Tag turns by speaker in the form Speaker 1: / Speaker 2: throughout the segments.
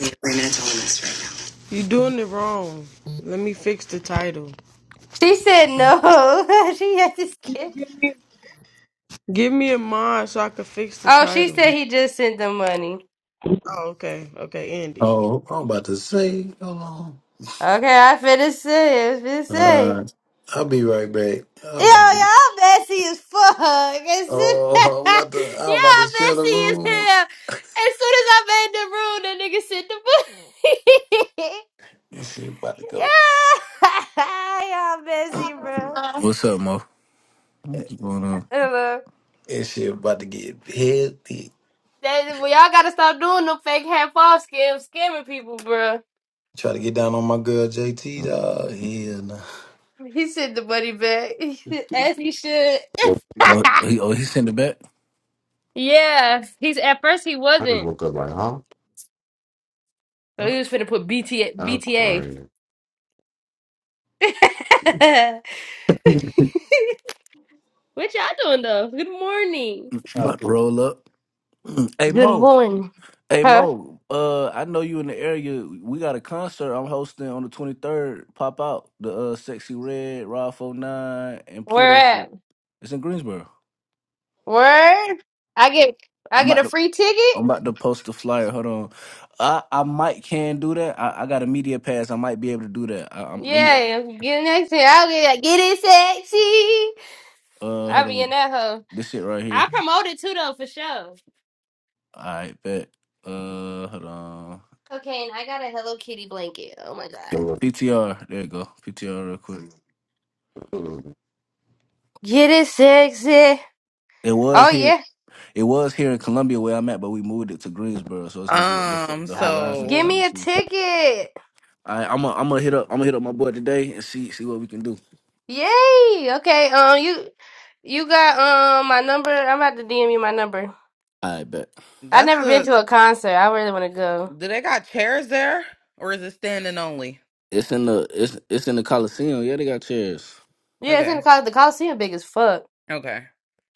Speaker 1: Yeah, We're doing this right You doing it wrong. Let me fix the title.
Speaker 2: She said no. she had to skip.
Speaker 1: Give me a mod so I can fix the
Speaker 2: Oh, she
Speaker 1: title.
Speaker 2: said he just sent the money.
Speaker 1: Oh, okay. Okay, end it.
Speaker 3: Oh, I'm about to say, hold on.
Speaker 2: Okay, I finna say. I finna say.
Speaker 3: Uh, I'll be right back. I'm
Speaker 2: Yo,
Speaker 3: about to,
Speaker 2: y'all messy as fuck. As soon
Speaker 3: oh, I'm about to, I'm about
Speaker 2: y'all
Speaker 3: to share the
Speaker 2: messy as
Speaker 3: room.
Speaker 2: hell. As soon as I made the room, that nigga sent the money.
Speaker 3: This shit about to go.
Speaker 2: yeah, y'all messy, bro.
Speaker 4: What's up, Mo? What's going on?
Speaker 2: Hello.
Speaker 3: This shit about to get healthy.
Speaker 2: That, well, y'all gotta stop doing them fake half off scam scamming people, bro.
Speaker 3: Try to get down on my girl JT, dog. Hell
Speaker 2: He sent the money back as he should.
Speaker 5: Yep,
Speaker 4: Oh, he, oh, he sent it back.
Speaker 2: yeah, he's at first he
Speaker 5: I just
Speaker 2: wasn't.
Speaker 5: woke up like, huh?
Speaker 2: So he was finna put B T B
Speaker 5: I'm
Speaker 2: T A.
Speaker 5: crying. JT,
Speaker 2: what y'all doing though? Good morning.
Speaker 4: You
Speaker 3: nah.
Speaker 4: About to roll up. hey,
Speaker 2: Good
Speaker 4: Mo.
Speaker 2: morning.
Speaker 4: Hey,
Speaker 2: Huh?
Speaker 4: Mo. Uh, I know you in the area. We got a concert I'm hosting on the 23rd. Pop out the uh, Sexy Red, Rod 49, and
Speaker 2: Where
Speaker 4: Pluto.
Speaker 2: at?
Speaker 4: It's in Greensboro.
Speaker 2: Where? I get I
Speaker 4: I'm
Speaker 2: get
Speaker 4: about
Speaker 2: a
Speaker 4: to.
Speaker 2: free ticket.
Speaker 4: I'm about to post the flyer. Hold on, I I might can do that. I, I got a media pass. I might be able to do that. I, i let me.
Speaker 2: Yeah, get next to I'll get get it sexy.
Speaker 4: Uh,
Speaker 2: I'll
Speaker 4: hold
Speaker 2: be in
Speaker 4: on.
Speaker 2: that hoe.
Speaker 4: This shit right here.
Speaker 2: I promoted too though for sure.
Speaker 4: All right, bet. Uh, hold on.
Speaker 2: Okay, and I got a Hello Kitty blanket. Oh my god.
Speaker 4: PTR. There you go. PTR real quick.
Speaker 2: Get it sexy.
Speaker 4: It was
Speaker 2: Oh
Speaker 4: here.
Speaker 2: yeah.
Speaker 4: It was here in Columbia where I'm at, but we moved it to Greensboro, so it's gonna be at the
Speaker 6: Um,
Speaker 4: the
Speaker 2: Uh,
Speaker 4: Horizon
Speaker 2: give
Speaker 6: so
Speaker 2: me a
Speaker 4: Coliseum.
Speaker 2: ticket.
Speaker 4: All right, I'm gonna I'm gonna hit up I'm gonna hit up my boy today and see see what we can do.
Speaker 2: Yay. Okay. Um you you got um my number. I'm about to DM you my number.
Speaker 4: All right, bet.
Speaker 2: I've
Speaker 6: that's
Speaker 2: never been
Speaker 6: a
Speaker 2: to a concert. I really want to go.
Speaker 6: do they got chairs there or is it standing only?
Speaker 4: It's in the it's it's in the Coliseum. Yeah, they got chairs.
Speaker 2: Yeah, it's in
Speaker 6: Okay.
Speaker 2: the Col- the Coliseum big as fuck.
Speaker 6: Okay.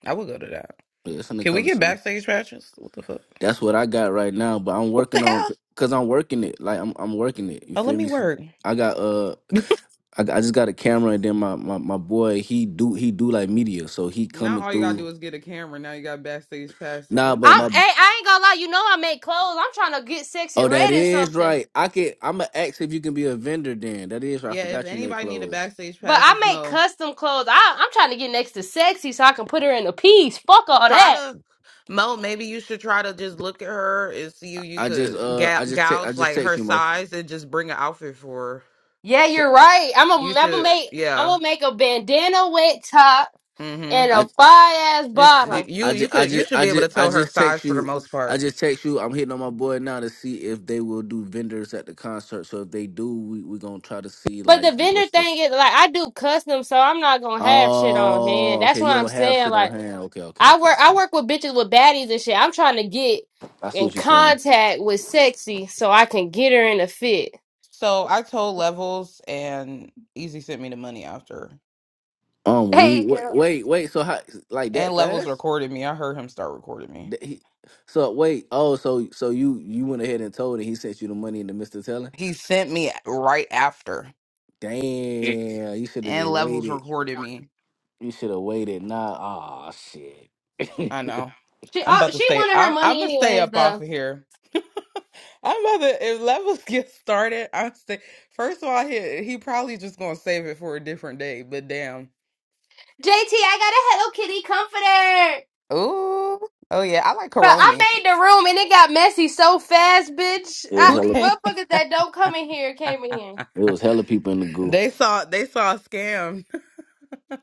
Speaker 6: I will go to that.
Speaker 4: Yeah, it's in the
Speaker 6: Can we get
Speaker 4: Coliseum.
Speaker 6: backstage passes? What the fuck?
Speaker 4: That's what I got right now, but I'm
Speaker 6: What the
Speaker 4: working on
Speaker 6: hell?
Speaker 4: cause I'm working it. Like I'm I'm working it. You
Speaker 6: Oh, let
Speaker 4: feel
Speaker 6: me
Speaker 4: me?
Speaker 6: work.
Speaker 4: I got uh I, I just got a camera and then my, my, my boy he do he do like media so he
Speaker 6: Now
Speaker 4: coming
Speaker 6: all you gotta
Speaker 4: through
Speaker 6: do is get a camera. Now you got backstage passes.
Speaker 4: Nah,
Speaker 6: Let
Speaker 4: but
Speaker 2: I
Speaker 6: me
Speaker 4: my
Speaker 2: hey, I ain't gonna lie, you know I make clothes. I'm trying to get sexy
Speaker 4: oh, that
Speaker 2: red and
Speaker 4: is
Speaker 2: something.
Speaker 4: right. I can. I'm gonna ask if you can be a vendor. Then that is right. I
Speaker 6: Yeah, if
Speaker 4: forgot you make
Speaker 6: anybody need a
Speaker 4: clothes.
Speaker 6: backstage
Speaker 2: But
Speaker 6: pass,
Speaker 2: I
Speaker 6: it's
Speaker 2: make
Speaker 6: Mo.
Speaker 2: custom clothes. I, I'm trying to get next to sexy so I can put her in a piece. Fuck all
Speaker 6: Try
Speaker 2: that.
Speaker 6: to Mo, maybe you should try to just look at her and see if you
Speaker 4: I just
Speaker 6: could
Speaker 4: uh,
Speaker 6: ga-
Speaker 4: I just te- I
Speaker 6: gouge
Speaker 4: just
Speaker 6: like
Speaker 4: text
Speaker 6: her
Speaker 4: you, Mo.
Speaker 6: size and just bring an outfit for her.
Speaker 2: Yeah,
Speaker 4: So,
Speaker 2: you're right. I'm
Speaker 6: You
Speaker 2: a, I'm gonna
Speaker 6: should
Speaker 2: make I'm
Speaker 6: yeah.
Speaker 2: gonna make a bandana wet top
Speaker 6: mm-hmm.
Speaker 2: and a
Speaker 4: I
Speaker 2: fire ass
Speaker 6: Just
Speaker 2: bottle.
Speaker 4: I
Speaker 6: you
Speaker 4: I
Speaker 6: you
Speaker 4: just I
Speaker 6: could you
Speaker 4: just
Speaker 6: should
Speaker 4: I
Speaker 6: be able
Speaker 4: just
Speaker 6: to
Speaker 4: I
Speaker 6: tell her
Speaker 4: just text
Speaker 6: size for the
Speaker 4: you.
Speaker 6: most
Speaker 4: I
Speaker 6: part.
Speaker 4: just text you. I'm hitting on my boy now to see if they will do vendors at the concert. So if they do, we we gonna try to see
Speaker 2: But the
Speaker 4: like
Speaker 2: vendor
Speaker 4: what's the.
Speaker 2: thing is like I do custom, so I'm not gonna have shit on
Speaker 4: Oh,
Speaker 2: hand. That's
Speaker 4: okay.
Speaker 2: what
Speaker 4: You
Speaker 2: I'm
Speaker 4: don't have
Speaker 2: saying.
Speaker 4: shit on
Speaker 2: Like
Speaker 4: hand. Okay, okay,
Speaker 2: I
Speaker 4: okay.
Speaker 2: work,
Speaker 4: okay.
Speaker 2: I work with bitches with baddies and shit. I'm trying to get
Speaker 4: I see
Speaker 2: in
Speaker 4: what you're saying.
Speaker 2: contact with sexy so I can get her in a fit.
Speaker 6: So I told Levels and Easy sent me the money after.
Speaker 4: Um, we
Speaker 2: Hey,
Speaker 4: wait,
Speaker 2: girl.
Speaker 4: wait, wait. So how like
Speaker 6: And
Speaker 4: that
Speaker 6: Levels
Speaker 4: fast?
Speaker 6: recorded me. I heard him start recording me.
Speaker 4: Th- he- so wait, oh, so so you you went ahead and told it. He sent you the money in the Mister Teller.
Speaker 6: He sent me right after.
Speaker 4: Damn, you should have
Speaker 6: And
Speaker 4: just
Speaker 6: Levels
Speaker 4: waited.
Speaker 6: recorded me.
Speaker 4: You should have waited. Nah, oh shit. it
Speaker 6: I know.
Speaker 2: she
Speaker 6: I'm
Speaker 2: oh,
Speaker 6: about to
Speaker 2: she
Speaker 6: stay
Speaker 2: wanted her
Speaker 6: I'm I'm
Speaker 2: money
Speaker 6: gonna stay
Speaker 2: anyways
Speaker 6: up off
Speaker 2: though.
Speaker 6: of here. I'm about to if Levels get started, I'm stay first of all he he probably just gonna save it for a different day, but damn.
Speaker 2: JT, I got a Hello Kitty comforter.
Speaker 6: Ooh. Oh yeah, I like
Speaker 2: But I
Speaker 6: Karomi.
Speaker 2: made the room and it got messy so fast, bitch.
Speaker 4: was
Speaker 2: I
Speaker 6: Who
Speaker 4: hella.
Speaker 6: can't?
Speaker 2: motherfuckers that don't come in here came in here.
Speaker 4: It was hella people in the goo.
Speaker 6: They saw they saw a scam,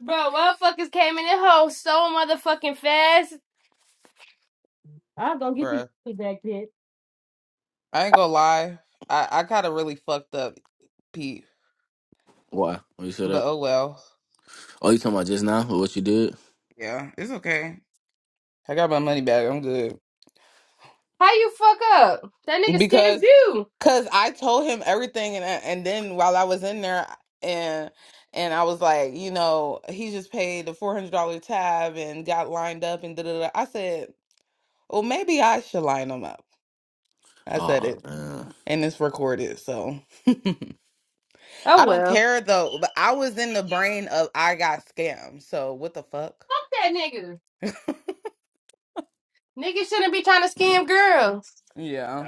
Speaker 2: Bro, motherfuckers came in the hole so motherfucking fast. I'm gonna get to you
Speaker 6: bruh.
Speaker 2: with that kid.
Speaker 6: I ain't gonna lie. I I got a really fucked up peep,
Speaker 4: Why? Oh, you said
Speaker 6: but
Speaker 4: that?
Speaker 6: oh well.
Speaker 4: Oh, you talking about just now or what you did?
Speaker 6: Yeah, it's okay. I got my money back. I'm good
Speaker 2: How you fuck up? That nigga scammed
Speaker 6: because
Speaker 2: you.
Speaker 6: because I told him everything, and and then while I was in there, and and I was like, you know, he just paid the four hundred dollar tab and got lined up and da da da. I said, well, maybe I should line him up. I said
Speaker 4: Oh
Speaker 6: it,
Speaker 4: man,
Speaker 6: and it's recorded, so. I
Speaker 2: Oh
Speaker 6: don't
Speaker 2: well. Fuck
Speaker 6: care though. But I was in the brain of I got scammed. So what the fuck?
Speaker 2: that nigga. Niggas shouldn't be trying to scam girls.
Speaker 6: Yeah.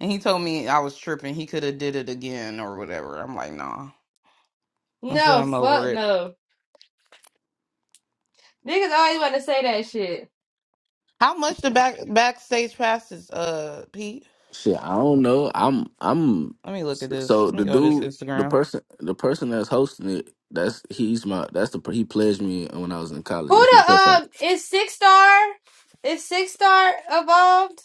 Speaker 6: And he told me I was tripping. He could have did it again or whatever. I'm like, nah. I said
Speaker 2: No,
Speaker 6: I'm over
Speaker 2: fuck
Speaker 6: it.
Speaker 2: no. Niggas always want to say that shit.
Speaker 6: How much the back backstage passes, uh, Pete?
Speaker 4: shit. I don't know. I'm I'm.
Speaker 6: Let me look at this.
Speaker 4: So
Speaker 6: Let me
Speaker 4: the
Speaker 6: go to this
Speaker 4: dude, the
Speaker 6: Instagram.
Speaker 4: person, the person that's hosting it, that's he's my that's the he pledged me when I was in college.
Speaker 2: Who
Speaker 4: That's my
Speaker 2: the
Speaker 4: friend.
Speaker 2: um is six star? Is six star evolved?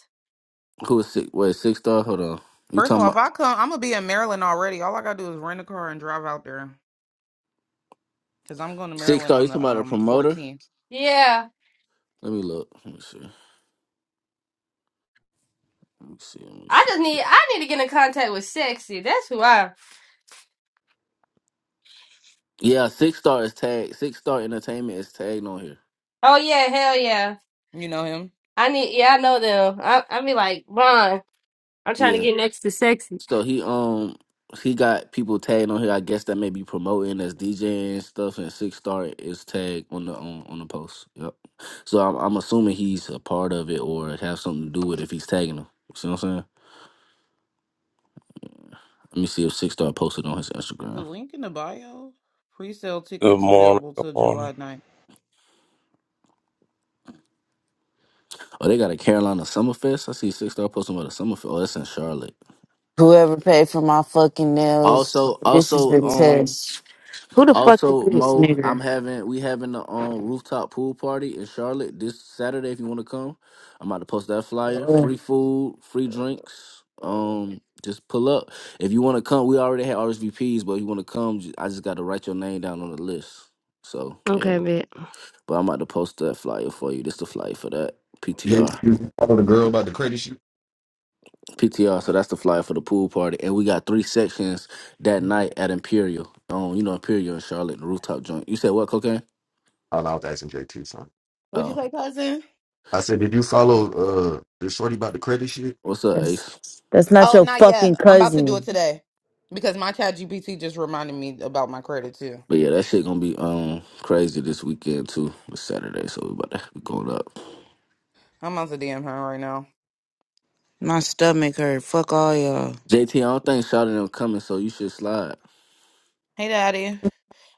Speaker 4: Who was six? Wait, six star. Hold on. You
Speaker 6: First of
Speaker 4: talking
Speaker 6: all, if
Speaker 4: about
Speaker 6: I come, I'm gonna be in Maryland already. All I gotta do is rent a car and drive out there. Cause I'm going to
Speaker 4: six
Speaker 6: Maryland
Speaker 4: star? You
Speaker 6: on
Speaker 4: talking
Speaker 6: the
Speaker 4: about a
Speaker 6: um
Speaker 4: promoter?
Speaker 6: 14th.
Speaker 2: Yeah.
Speaker 4: Let me look. Let me see. Let me see. Let me
Speaker 2: I
Speaker 4: see.
Speaker 2: just need I need to get in contact with sexy. That's who I
Speaker 4: Yeah, six star is tagged. Six star entertainment is tagged on here.
Speaker 2: Oh yeah, hell yeah.
Speaker 6: You know him?
Speaker 2: I need yeah, I know them. I I be like, Ron, I'm trying to
Speaker 4: Yeah.
Speaker 2: get next to sexy.
Speaker 4: So he um he got people tagged on here. I guess that may be promoting as DJing and stuff. And six star is tagged on the on, on the post. Yep. So I'm I'm assuming he's a part of it or have something to do with it if he's tagging them. You see what I'm saying? Let me see if six star posted on his
Speaker 6: Is
Speaker 4: Instagram.
Speaker 6: the link in the bio? Pre-sale
Speaker 7: Good
Speaker 6: tickets
Speaker 7: morning.
Speaker 6: available
Speaker 7: Good
Speaker 6: till
Speaker 7: morning.
Speaker 6: July 9th.
Speaker 4: Oh, they got a Carolina Summerfest. I see six star posting about a Summerfest. Oh, that's in Charlotte.
Speaker 8: Whoever paid for my fucking nails,
Speaker 4: Also,
Speaker 8: this is
Speaker 4: also,
Speaker 8: the
Speaker 4: um,
Speaker 8: test. Who the fuck is
Speaker 4: also,
Speaker 8: this
Speaker 4: Mo,
Speaker 8: nigga?
Speaker 4: I'm having we having the um rooftop pool party in Charlotte this Saturday. If you want to come, I'm about to post that flyer.
Speaker 8: Ugh,
Speaker 4: Free food, free drinks. Um, just pull up if you want to come. We already had RSVPs, but if you want to come, ju- I just got to write your name down on the list. So yeah,
Speaker 2: Okay, man.
Speaker 4: but I'm about to post that flyer for you. This the flyer for that PTR.
Speaker 5: you follow the girl about the credit shit?
Speaker 4: PTR, so that's the flyer for the pool party. And we got three sections that night at Imperial. Um, you know, Imperial in Charlotte, the rooftop joint. You said what, cocaine?
Speaker 5: Oh, no, I was asking JT something.
Speaker 6: What'd
Speaker 4: Oh.
Speaker 6: you say, cousin?
Speaker 5: I said, did you follow uh the shorty about the credit shit?
Speaker 4: What's up,
Speaker 8: that's
Speaker 4: Ace?
Speaker 8: that's not
Speaker 6: Oh,
Speaker 8: your
Speaker 6: not yet.
Speaker 8: fucking
Speaker 6: I'm about to do it
Speaker 8: cousin.
Speaker 6: today because my chat GPT just reminded me about my credit too.
Speaker 4: But yeah, that shit gonna be um crazy this weekend too. It's Saturday, so we about to be going up.
Speaker 6: I'm about to DM her right now.
Speaker 8: My stomach hurt. Fuck all y'all.
Speaker 4: JT, I don't think Charlotte them coming, so you should slide.
Speaker 6: Hey, daddy.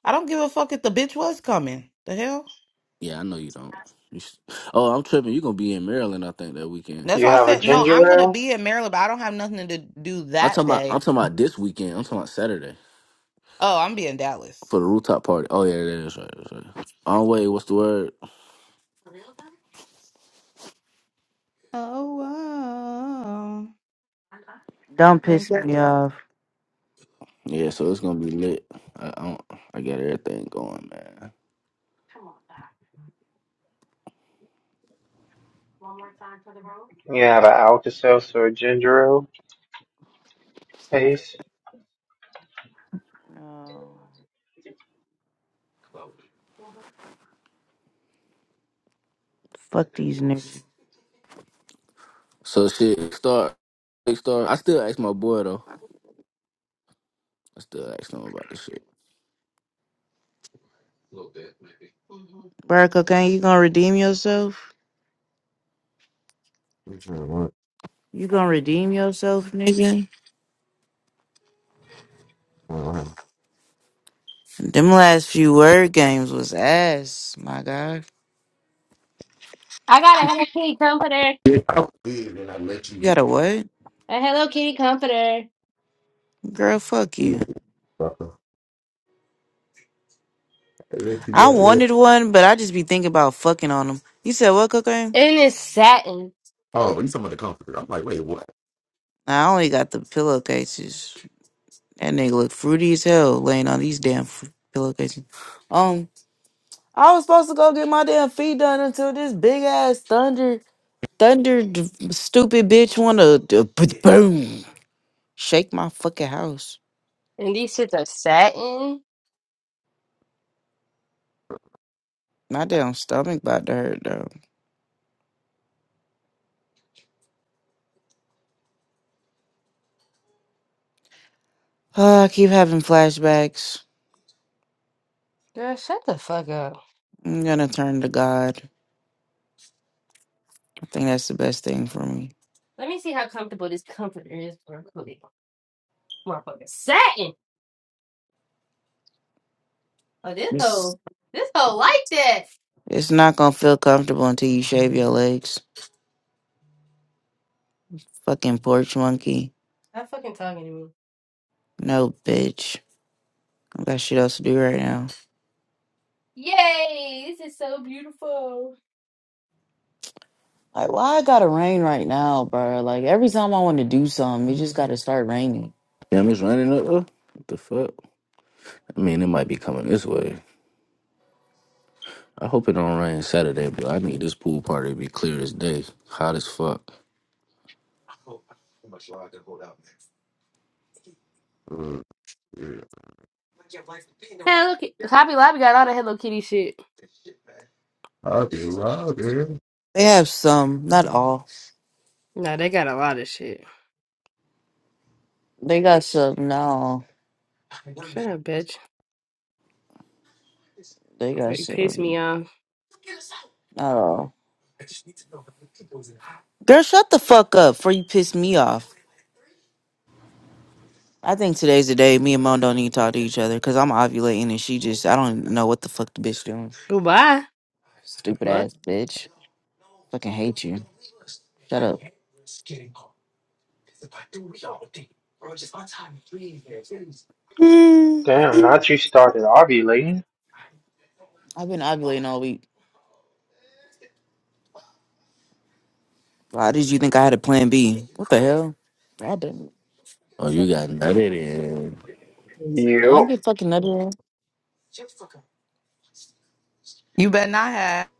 Speaker 6: I don't give a fuck if the bitch was coming. The hell?
Speaker 4: Yeah, I know you don't. You should... Oh, I'm tripping. You gonna be in Maryland, I think, that weekend.
Speaker 6: That's
Speaker 9: You
Speaker 6: why I
Speaker 9: have a
Speaker 6: said
Speaker 4: Let's
Speaker 6: no.
Speaker 4: see.
Speaker 9: ginger
Speaker 6: I'm gonna
Speaker 9: ale?
Speaker 6: be in Maryland, but I don't have nothing to do
Speaker 4: I'm talking
Speaker 6: that
Speaker 4: about I'm
Speaker 6: day.
Speaker 4: talking about this weekend. I'm talking about Saturday
Speaker 6: Oh, I'm be in Dallas.
Speaker 4: for the rooftop party. Oh yeah, that is right, that's right. On way, what's the word?
Speaker 6: Oh wow.
Speaker 8: Don't piss
Speaker 6: Thank you.
Speaker 8: me off.
Speaker 4: Yeah, so it's gonna be lit. I I, don't, I got everything going, man.
Speaker 9: You have an Alka Seltzer or ginger ale? Ace?
Speaker 8: No. Fuck these niggas.
Speaker 4: So shit, start, start. I still ask my boy though. I still ask him about the shit.
Speaker 8: Bro, cocaine, you gonna redeem yourself?
Speaker 5: Which one? What?
Speaker 8: You gonna redeem yourself, nigga?
Speaker 5: What happened?
Speaker 8: Them last few word games was ass, my god.
Speaker 2: I gotta have a key company.
Speaker 5: Yeah, I did, and I let
Speaker 8: You
Speaker 5: you
Speaker 8: got a
Speaker 5: do
Speaker 8: what?
Speaker 2: A Hello Kitty comforter.
Speaker 8: Girl, fuck
Speaker 5: it.
Speaker 8: you.
Speaker 5: Fucker. I let you
Speaker 8: I
Speaker 5: got there.
Speaker 8: wanted one, but I just be thinking about fucking on them. You said what, cocaine?
Speaker 2: And it's satin.
Speaker 5: Oh, you talking about the comforter? I'm like, wait, what?
Speaker 8: Nah, I only got the pillowcases. That nigga look fruity as hell laying on these damn f- pillowcases. Um, I was supposed to go get my damn feet done until this big ass thunder, thunder, d- stupid bitch wanna d- b- boom shake my fucking house.
Speaker 2: And these shits are satin.
Speaker 8: My damn stomach about to hurt though. Oh, I keep having flashbacks.
Speaker 2: Girl, shut the fuck up.
Speaker 8: I'm gonna turn to God. I think that's the best thing for me.
Speaker 2: Let me see how comfortable this comforter is for Cody. Motherfucker. Satin! Oh, this
Speaker 8: It's
Speaker 2: hoe. This hoe like that.
Speaker 8: it's not gonna feel comfortable until you shave your legs. Fucking porch monkey.
Speaker 2: Stop fucking talking to me.
Speaker 8: No bitch. I got shit else to do right now.
Speaker 2: Yay! This is so beautiful.
Speaker 8: Like, why it gotta rain right now, bro? Like, every time I want to do something, it just gotta start raining.
Speaker 4: Damn, it's raining up though. What the fuck? I mean, it might be coming this way. I hope it don't rain Saturday, but I need this pool party to be clear as day, hot as fuck.
Speaker 5: Uh, yeah.
Speaker 2: Hello Kitty. Hobby Lobby got all the Hello Kitty shit.
Speaker 5: I'll be loud, girl.
Speaker 8: They have some, not all.
Speaker 2: Nah, they got a lot of shit.
Speaker 8: They got some, no.
Speaker 2: Shut up, bitch.
Speaker 8: They
Speaker 2: Before
Speaker 8: got
Speaker 2: you piss
Speaker 8: some,
Speaker 2: me off.
Speaker 8: not all. Girl, shut the fuck up before you piss me off. I think today's the day me and Mom don't need to talk to each other because I'm ovulating and she just, I don't know what the fuck the bitch doing.
Speaker 2: Goodbye.
Speaker 8: Stupid
Speaker 2: What?
Speaker 8: ass bitch. Fucking hate you. Shut up. Hmm.
Speaker 9: Damn, not you started ovulating.
Speaker 8: I've been ovulating all week. Why did you think I had a plan B? What the hell? I didn't.
Speaker 4: Oh, you got nutted in.
Speaker 8: I ain't
Speaker 9: You.
Speaker 8: get fucking nutted in.
Speaker 6: You better not have.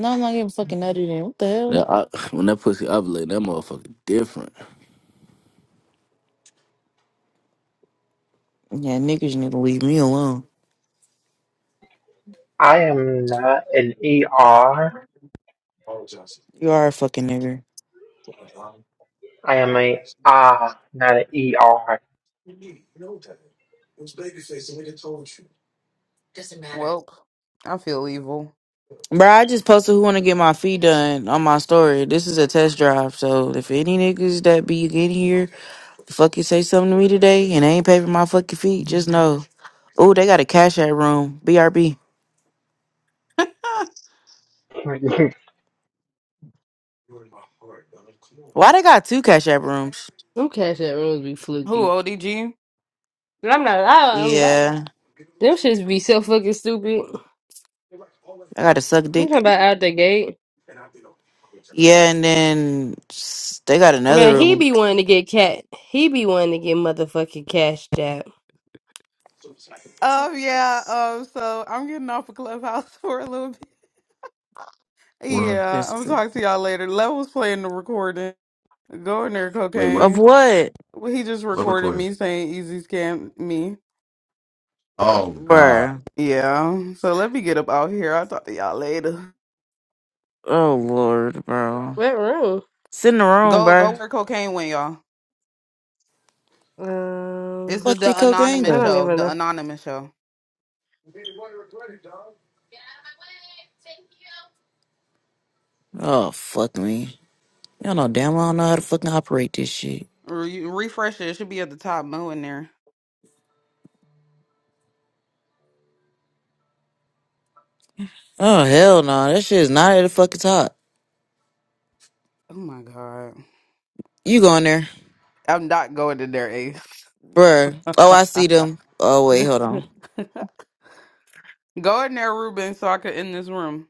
Speaker 8: No, I'm not getting fucking nutted in. What the hell?
Speaker 4: That, I, when that pussy ovulating, that motherfucker different.
Speaker 8: Yeah, niggas need to leave me alone.
Speaker 9: I am not an ER.
Speaker 8: You are a fucking nigger.
Speaker 9: I am a ah, not an ER.
Speaker 6: Welp. I feel evil.
Speaker 8: Bro, I just posted who want to get my feet done on my story. This is a test drive, so if any niggas that be in here fucking say something to me today and they ain't pay for my fucking feet, just know. Oh, they got a cash app room. BRB.
Speaker 6: Who
Speaker 8: Why they got two cash app rooms?
Speaker 2: Them cash app rooms be fluky.
Speaker 6: ODG?
Speaker 2: I'm not lying. I'm not.
Speaker 8: Yeah,
Speaker 2: Them shits be so fucking stupid.
Speaker 8: I got to suck
Speaker 2: You
Speaker 8: dick.
Speaker 2: talking about out the gate?
Speaker 8: Yeah, and then s- they got another
Speaker 2: Man, he
Speaker 8: room.
Speaker 2: be wanting to get cat. He be wanting to get motherfucking cashed out.
Speaker 6: Oh yeah. Um. So I'm getting off of Clubhouse for a little bit.
Speaker 5: What?
Speaker 6: Yeah, I'm
Speaker 8: That's-
Speaker 6: talking to y'all later. Level's playing the recording. Go in there,
Speaker 5: Wait, what?
Speaker 8: Of
Speaker 6: cocaine.
Speaker 8: what?
Speaker 6: Well, He just
Speaker 5: What
Speaker 6: recorded
Speaker 5: recording?
Speaker 6: me saying easy scam me.
Speaker 5: Oh God.
Speaker 8: Bruh.
Speaker 6: Yeah, so let me get up out here. I'll talk to y'all later.
Speaker 8: Oh Lord, bro.
Speaker 2: What room?
Speaker 8: Sit in the room,
Speaker 6: Go, go
Speaker 8: bruh.
Speaker 6: where cocaine went, y'all. It's
Speaker 2: Um,
Speaker 6: the,
Speaker 8: Fuck the
Speaker 6: the
Speaker 8: cocaine.
Speaker 2: I
Speaker 6: anonymous
Speaker 8: gun.
Speaker 2: don't
Speaker 6: show.
Speaker 2: even
Speaker 6: The
Speaker 2: know.
Speaker 6: anonymous show.
Speaker 8: Oh fuck me. Y'all know damn well I don't know how to fucking operate this shit.
Speaker 6: Re- refresh it. It should be at the top. Mo in there.
Speaker 8: Oh hell no, that shit is not at the fucking top.
Speaker 6: Oh my god.
Speaker 8: You go in there,
Speaker 6: I'm not going in there, Ace.
Speaker 8: bruh. Oh I see them. Oh wait, hold on.
Speaker 6: go in there, Ruben, so I could end this room.